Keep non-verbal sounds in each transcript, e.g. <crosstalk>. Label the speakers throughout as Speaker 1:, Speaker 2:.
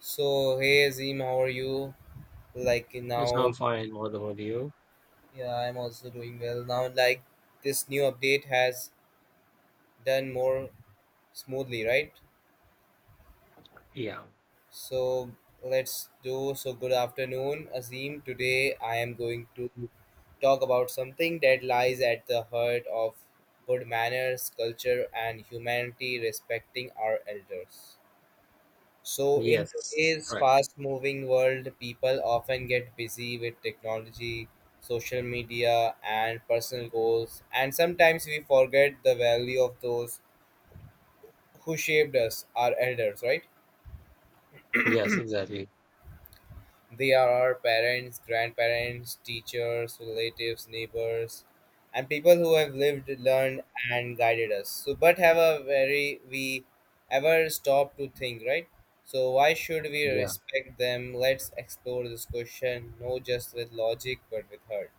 Speaker 1: So hey Azim, how are you? Like
Speaker 2: It's
Speaker 1: now,
Speaker 2: all fine, what about you?
Speaker 1: yeah, I'm also doing well. Now, like this new update has done more smoothly, right?
Speaker 2: Yeah.
Speaker 1: So let's do. So good afternoon, Azim. Today I am going to talk about something that lies at the heart of good manners, culture, and humanity, respecting our elders. So, in
Speaker 2: Yes.
Speaker 1: today's
Speaker 2: Correct.
Speaker 1: fast moving world, people often get busy with technology, social media, and personal goals. And sometimes we forget the value of those who shaped us, our elders, right?
Speaker 2: Yes, exactly.
Speaker 1: They are our parents, grandparents, teachers, relatives, neighbors, and people who have lived, learned, and guided us. So, but have a very we ever stop to think, right? So, why should we
Speaker 2: Yeah.
Speaker 1: respect them? Let's explore this question, not just with logic, but with heart.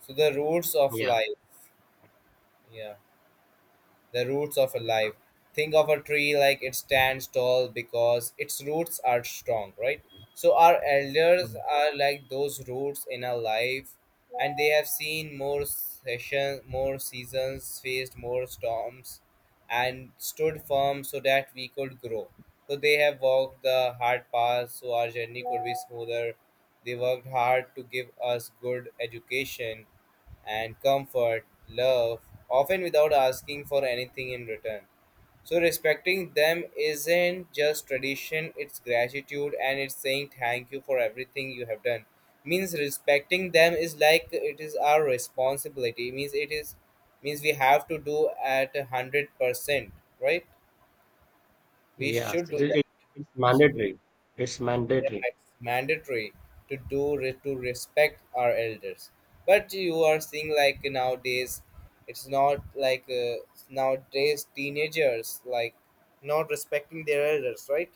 Speaker 1: So, the roots of
Speaker 2: Yeah.
Speaker 1: life. Yeah, the roots of a life. Think of a tree like it stands tall because its roots are strong, right? So our elders
Speaker 2: Mm.
Speaker 1: are like those roots in our life, and they have seen more sessions, more seasons, faced more storms, and stood firm so that we could grow. So they have walked the hard path so our journey could be smoother. They worked hard to give us good education and comfort, love, often without asking for anything in return. So, respecting them isn't just tradition, it's gratitude and it's saying thank you for everything you have done. Means respecting them is like it is our responsibility, means it is means we have to do at 100%, right? We
Speaker 2: Yes.
Speaker 1: should do that.
Speaker 2: It's mandatory. It's
Speaker 1: Yeah,
Speaker 2: mandatory.
Speaker 1: it's mandatory to do to respect our elders. But you are seeing like nowadays, it's not like nowadays teenagers like not respecting their elders, right?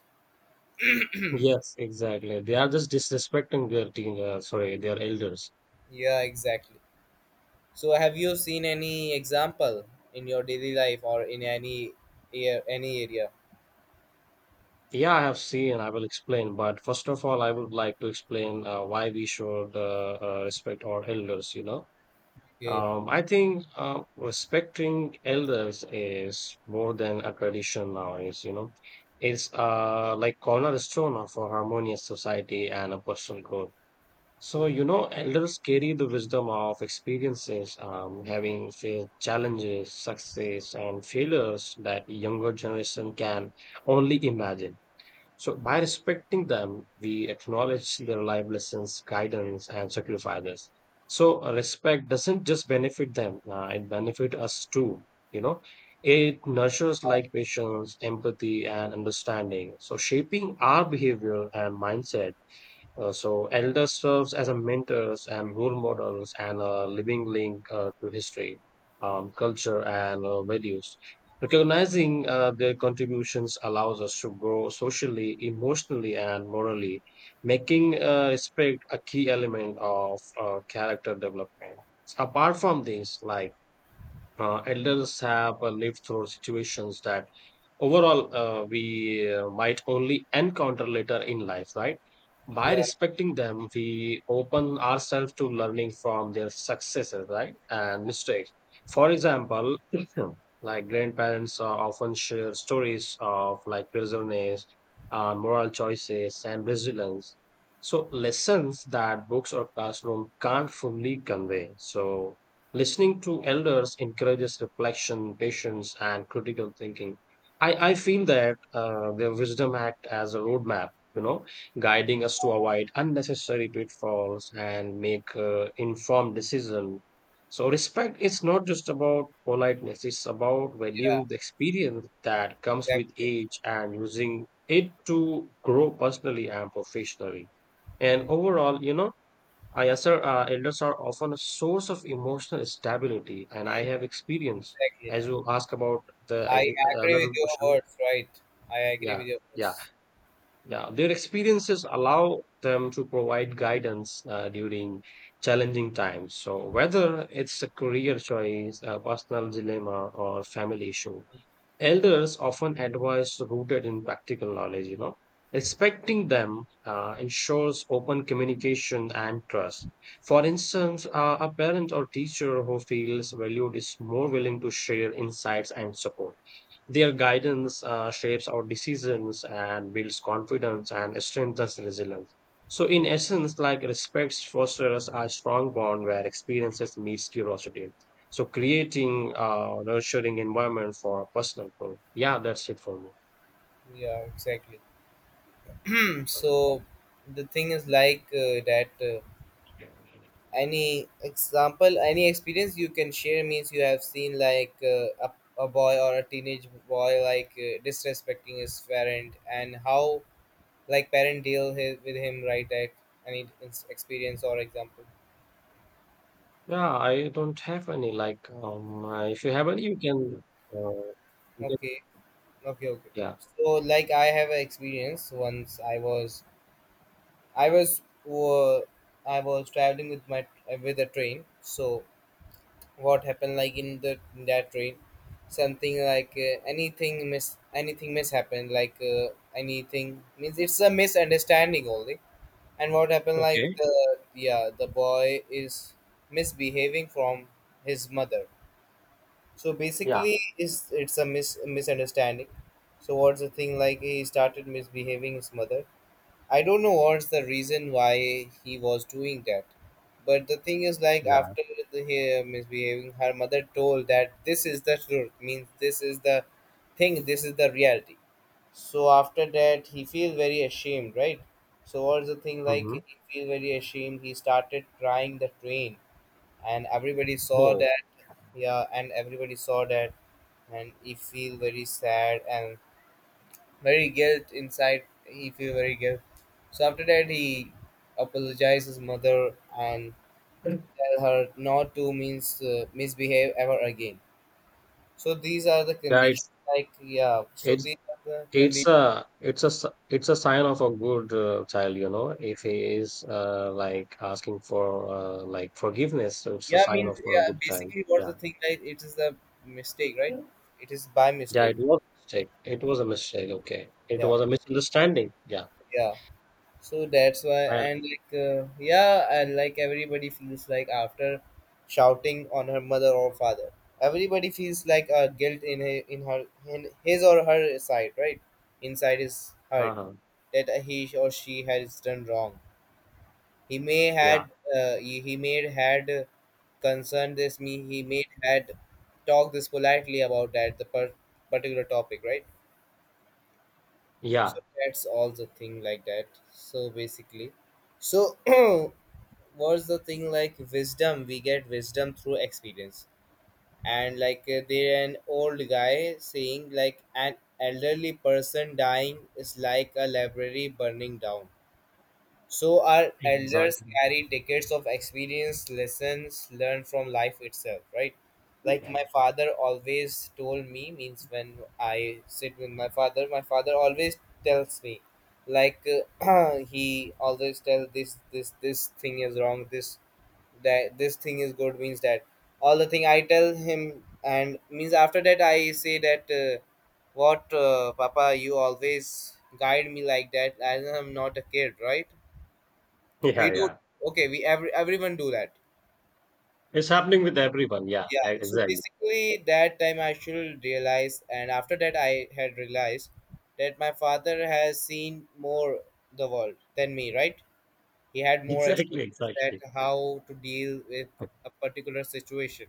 Speaker 2: Yes, exactly. They are just disrespecting their sorry, their elders.
Speaker 1: Yeah, exactly. So have you seen any example in your daily life or in any any area?
Speaker 2: Yeah, I have seen, I will explain. But first of all, I would like to explain why we should respect our elders.
Speaker 1: Okay.
Speaker 2: I think respecting elders is more than a tradition nowadays. It's like cornerstone of a harmonious society and a personal growth. So, you
Speaker 1: Mm.
Speaker 2: know, elders carry the wisdom of experiences, having faced challenges, success, and failures that younger generation can only imagine. So by respecting them, we acknowledge their life lessons, guidance, and sacrifices. So respect doesn't just benefit them; it benefits us too. You know, it nurtures like patience, empathy, and understanding. So shaping our behavior and mindset so elder serves as a mentors and role models and a living link to history, culture, and values. Recognizing their contributions allows us to grow socially, emotionally, and morally, making respect a key element of character development. Apart from this, like elders have lived through situations that overall we might only encounter later in life, right? By
Speaker 1: Yeah,
Speaker 2: respecting them, we open ourselves to learning from their successes, right, and mistakes. For example, <clears throat> like grandparents often share stories of like perseverance, moral choices, and resilience, so lessons that books or classroom can't fully convey. So listening to elders encourages reflection, patience, and critical thinking. I feel that their wisdom act as a roadmap, you know, guiding us to avoid unnecessary pitfalls and make informed decision. So respect is not just about politeness; it's about
Speaker 1: yeah,
Speaker 2: valuing the experience that comes with
Speaker 1: exactly.
Speaker 2: age and using it to grow personally and professionally. And overall, you know, yes, sir. Elders are often a source of emotional stability, and I
Speaker 1: Mhm.
Speaker 2: have experience.
Speaker 1: Exactly.
Speaker 2: As you ask about the
Speaker 1: I agree with
Speaker 2: another
Speaker 1: your
Speaker 2: question,
Speaker 1: words, right? I agree
Speaker 2: yeah,
Speaker 1: with your
Speaker 2: yeah,
Speaker 1: words.
Speaker 2: yeah. Their experiences allow them to provide guidance during challenging times. So whether it's a career choice, a personal dilemma, or family issue, elders often advise rooted in practical knowledge, you know. Respecting them ensures open communication and trust. For instance, a parent or teacher who feels valued is more willing to share insights and support. Their guidance shapes our decisions and builds confidence and strengthens resilience. So, in essence, like respects fosters a strong bond where experiences meets curiosity. So, creating a nurturing environment for personal growth. Yeah, that's it for me.
Speaker 1: Yeah, exactly. <clears throat> So the thing is like that any example, any experience you can share means you have seen like a boy or a teenage boy like disrespecting his parent and how like parent deal his, with him right at any experience or example.
Speaker 2: Yeah, I don't have any. Like, if you have any, you can. Uh, you can.
Speaker 1: Okay, okay, okay.
Speaker 2: Yeah.
Speaker 1: So like I have an experience once I was uh, I was traveling with my with a train. So what happened like in the in that train, something like anything miss happened like anything means it's a misunderstanding only. And what happened like
Speaker 2: Okay.
Speaker 1: the yeah, the boy is misbehaving from his mother. So
Speaker 2: Yeah.
Speaker 1: basically it's a misunderstanding. So what's the thing like he started misbehaving his mother. I don't know what's the reason why he was doing that. But the thing is, like,
Speaker 2: Yeah.
Speaker 1: after the, he misbehaving, her mother told that this is the truth, means this is the thing, this is the reality. So after that, he feel very ashamed, right? So what's the thing like?
Speaker 2: Mm-hmm.
Speaker 1: He feel very ashamed. He started crying the train, and everybody saw
Speaker 2: Oh,
Speaker 1: that. Yeah, and everybody saw that, and he feel very sad and very guilt inside. He feel very guilt. So after that, he apologized his mother and
Speaker 2: yeah.
Speaker 1: tell her not to means misbehave ever again. So these are the conditions.
Speaker 2: It's
Speaker 1: Like yeah, so
Speaker 2: it's
Speaker 1: these are the
Speaker 2: It's
Speaker 1: conditions.
Speaker 2: a it's a sign of a good child, you know. If he is like asking for like forgiveness, so it's a
Speaker 1: Yeah,
Speaker 2: sign
Speaker 1: means
Speaker 2: of a
Speaker 1: yeah.
Speaker 2: good child.
Speaker 1: Basically, what's the
Speaker 2: Yeah,
Speaker 1: thing? Like it is the mistake, right?
Speaker 2: yeah.
Speaker 1: It is by
Speaker 2: It
Speaker 1: mistake.
Speaker 2: was a mistake. It was a mistake. Okay, it
Speaker 1: Yeah,
Speaker 2: was a misunderstanding. Yeah.
Speaker 1: yeah. So that's why,
Speaker 2: And,
Speaker 1: and like yeah and like everybody feels like after shouting on her mother or father, everybody feels like a guilt in her, in her in his or her side right inside his heart
Speaker 2: uh-huh.
Speaker 1: that he or she has done wrong. He may
Speaker 2: Yeah.
Speaker 1: had he may had concerned this me, he may had talked this politely about that the particular topic right.
Speaker 2: Yeah.
Speaker 1: So that's all the thing like that. So basically, so <clears throat> what's the thing like wisdom? We get wisdom through experience. And like there an old guy saying like an elderly person dying is like a library burning down. So our elders
Speaker 2: Exactly.
Speaker 1: carry decades of experience, lessons learned from life itself, right?
Speaker 2: <laughs>
Speaker 1: Like
Speaker 2: Yeah.
Speaker 1: my father always told me, means when I sit with my father always tells me, like <clears throat> he always tells this this thing is wrong, this that this thing is good, means that all the thing I tell him, and means after that I say that what Papa you always guide me like that as I'm not a kid, right?
Speaker 2: Yeah.
Speaker 1: We do.
Speaker 2: Yeah.
Speaker 1: Okay, we everyone do that.
Speaker 2: It's happening with everyone. Yeah.
Speaker 1: Yeah. So
Speaker 2: Exactly.
Speaker 1: basically, that time I should realize, and after that, I had realized that my father has seen more the world than me. Right? He had
Speaker 2: <laughs>
Speaker 1: more
Speaker 2: Exactly.
Speaker 1: experience that
Speaker 2: Exactly.
Speaker 1: how to deal with a particular situation.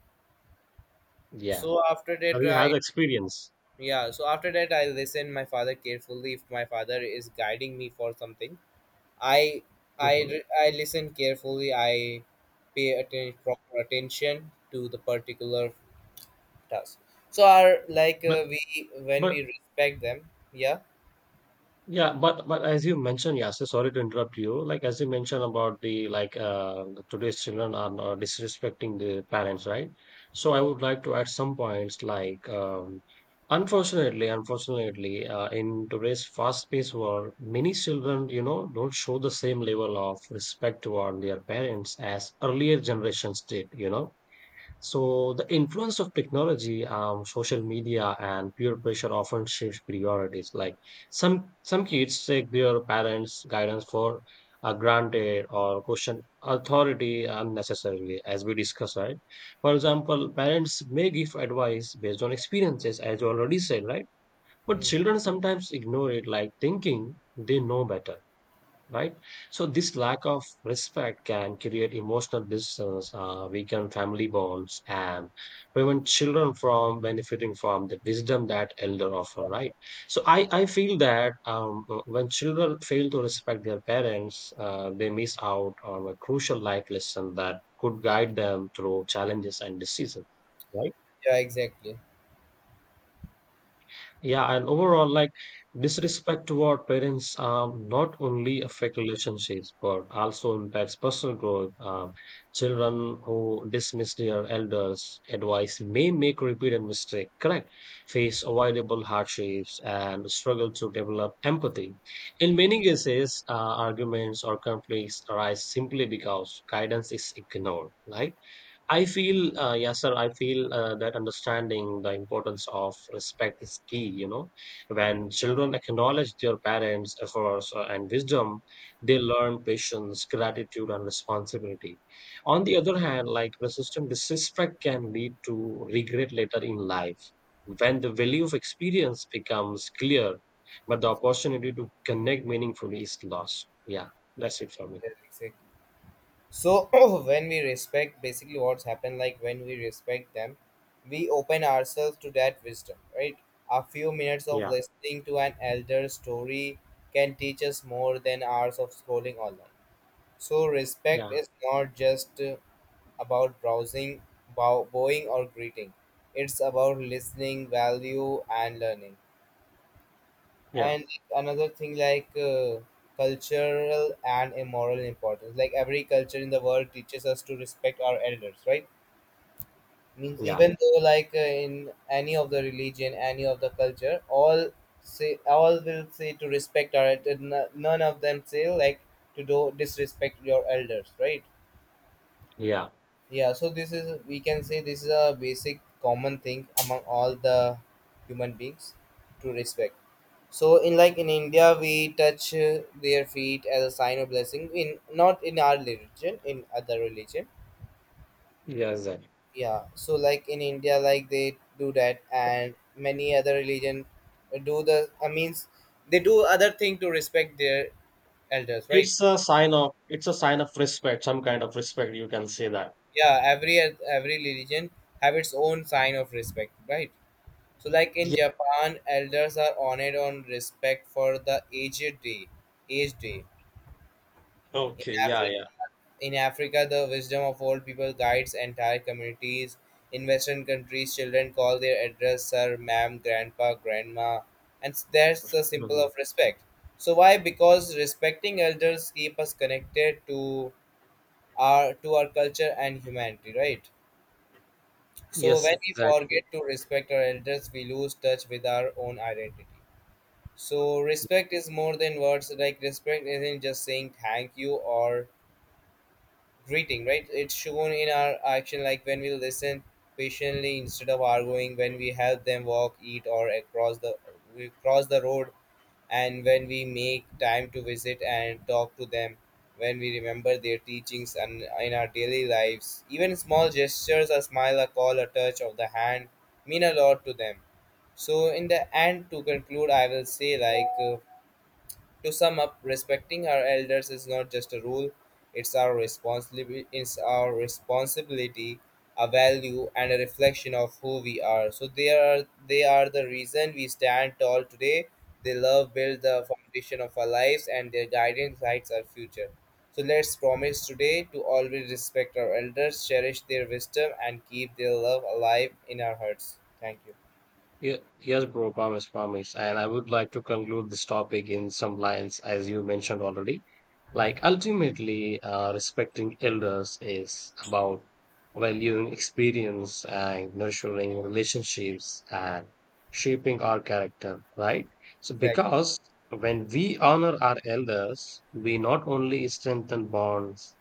Speaker 2: Yeah.
Speaker 1: So after that,
Speaker 2: And he has
Speaker 1: right?
Speaker 2: experience.
Speaker 1: Yeah. So after that, I listen my father carefully. If my father is guiding me for something, I
Speaker 2: Mhm.
Speaker 1: I I listen carefully. I pay proper attention to the particular task. So our like
Speaker 2: But
Speaker 1: we when we
Speaker 2: but,
Speaker 1: respect them, yeah,
Speaker 2: yeah, but as you mentioned, yes, sorry to interrupt you. Like as you mentioned about the like the today's children are not disrespecting the parents, right? So I
Speaker 1: yeah.
Speaker 2: would like to add some points like unfortunately, in today's fast-paced world, many children, you know, don't show the same level of respect toward their parents as earlier generations did, you know,
Speaker 1: Mm.
Speaker 2: so the influence of technology, social media, and peer pressure often shifts priorities. Like some kids take their parents' guidance for granted or question authority unnecessarily, as we discussed, right? For example, parents may give advice based on experiences, as you already said, right? But
Speaker 1: Mm.
Speaker 2: children sometimes ignore it, like thinking they know better, right? So this lack of respect can create emotional distance, weaken family bonds, and prevent children from benefiting from the wisdom that elder offer, right? So I feel that when children fail to respect their parents, they miss out on a crucial life lesson that could guide them through challenges and decisions, right?
Speaker 1: Yeah, exactly.
Speaker 2: Yeah, and overall, like disrespect toward parents not only affect relationships but also impacts personal growth. Children who dismiss their elders' advice may make repeated mistakes, correct? Face avoidable hardships and struggle to develop empathy. In many cases, arguments or conflicts arise simply because guidance is ignored, right? I feel, yes, sir. I feel that understanding the importance of respect is key. You know, when children acknowledge their parents' efforts and wisdom, they learn patience, gratitude, and responsibility. On the other hand, like persistent disrespect can lead to regret later in life. When the value of experience becomes clear, but the opportunity to connect meaningfully is lost. Yeah, that's it for me.
Speaker 1: Yeah, exactly. So <clears throat> when we respect, basically what's happened, like when we respect them, we open ourselves to that wisdom, right? A few minutes of
Speaker 2: Yeah,
Speaker 1: listening to an elder story can teach us more than hours of scrolling online. So respect
Speaker 2: yeah,
Speaker 1: is not just about browsing, bowing or greeting. It's about listening, value and learning.
Speaker 2: yeah,
Speaker 1: And another thing like cultural and moral importance. Like every culture in the world teaches us to respect our elders, right? Means
Speaker 2: yeah,
Speaker 1: even though like in any of the religion, any of the culture, all say all will say to respect our none of them say like to do disrespect your elders, right?
Speaker 2: yeah.
Speaker 1: Yeah, so this is we can say this is a basic common thing among all the human beings to respect. So in like in India, we touch their feet as a sign of blessing. In not in our religion, in other religion.
Speaker 2: Yes,
Speaker 1: Yeah, so like in India, like they do that, and many other religion do the. I means they do other thing to respect their elders, right?
Speaker 2: it's a sign of, it's a sign of respect, some kind of respect, you can say that.
Speaker 1: Yeah, every religion have its own sign of respect, right? So, like in
Speaker 2: Yeah.
Speaker 1: Japan, elders are honored on respect for the aged day. Age day. In
Speaker 2: Okay, yeah,
Speaker 1: Africa,
Speaker 2: yeah.
Speaker 1: in Africa, the wisdom of old people guides entire communities. In Western countries, children call their elders sir, ma'am, grandpa, grandma, and s- that's the symbol
Speaker 2: Mhm.
Speaker 1: of respect. So why? Because respecting elders keep us connected to our culture and humanity, right? So
Speaker 2: Yes,
Speaker 1: when we forget
Speaker 2: exactly.
Speaker 1: to respect our elders, we lose touch with our own identity. So respect is more than words. Like respect isn't just saying thank you or greeting, right? It's shown in our action, like when we listen patiently instead of arguing, when we help them walk, eat, or across the we cross the road, and when we make time to visit and talk to them, when we remember their teachings and in our daily lives. Even small gestures, a smile, a call, a touch of the hand, mean a lot to them. So in the end, to conclude, I will say like. To sum up, respecting our elders is not just a rule, it's our responsibility, a value and a reflection of who we are. So they are the reason we stand tall today. They love build the foundation of our lives and their guidance lights our future. So let's promise today to always respect our elders, cherish their wisdom and keep their love alive in our hearts. Thank you.
Speaker 2: Yes, bro, promise, promise. And I would like to conclude this topic in some lines, as you mentioned already.
Speaker 1: Mm.
Speaker 2: Like, ultimately, respecting elders is about valuing experience and nurturing relationships and shaping our character, right? So,
Speaker 1: Exactly.
Speaker 2: because when we honor our elders, we not only strengthen bonds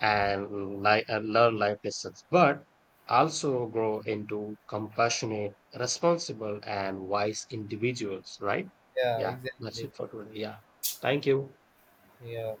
Speaker 2: and learn life lessons, but also grow into compassionate, responsible, and wise individuals, right?
Speaker 1: Yeah,
Speaker 2: Yeah, that's
Speaker 1: exactly.
Speaker 2: it for today. Yeah. Thank you.
Speaker 1: Yeah.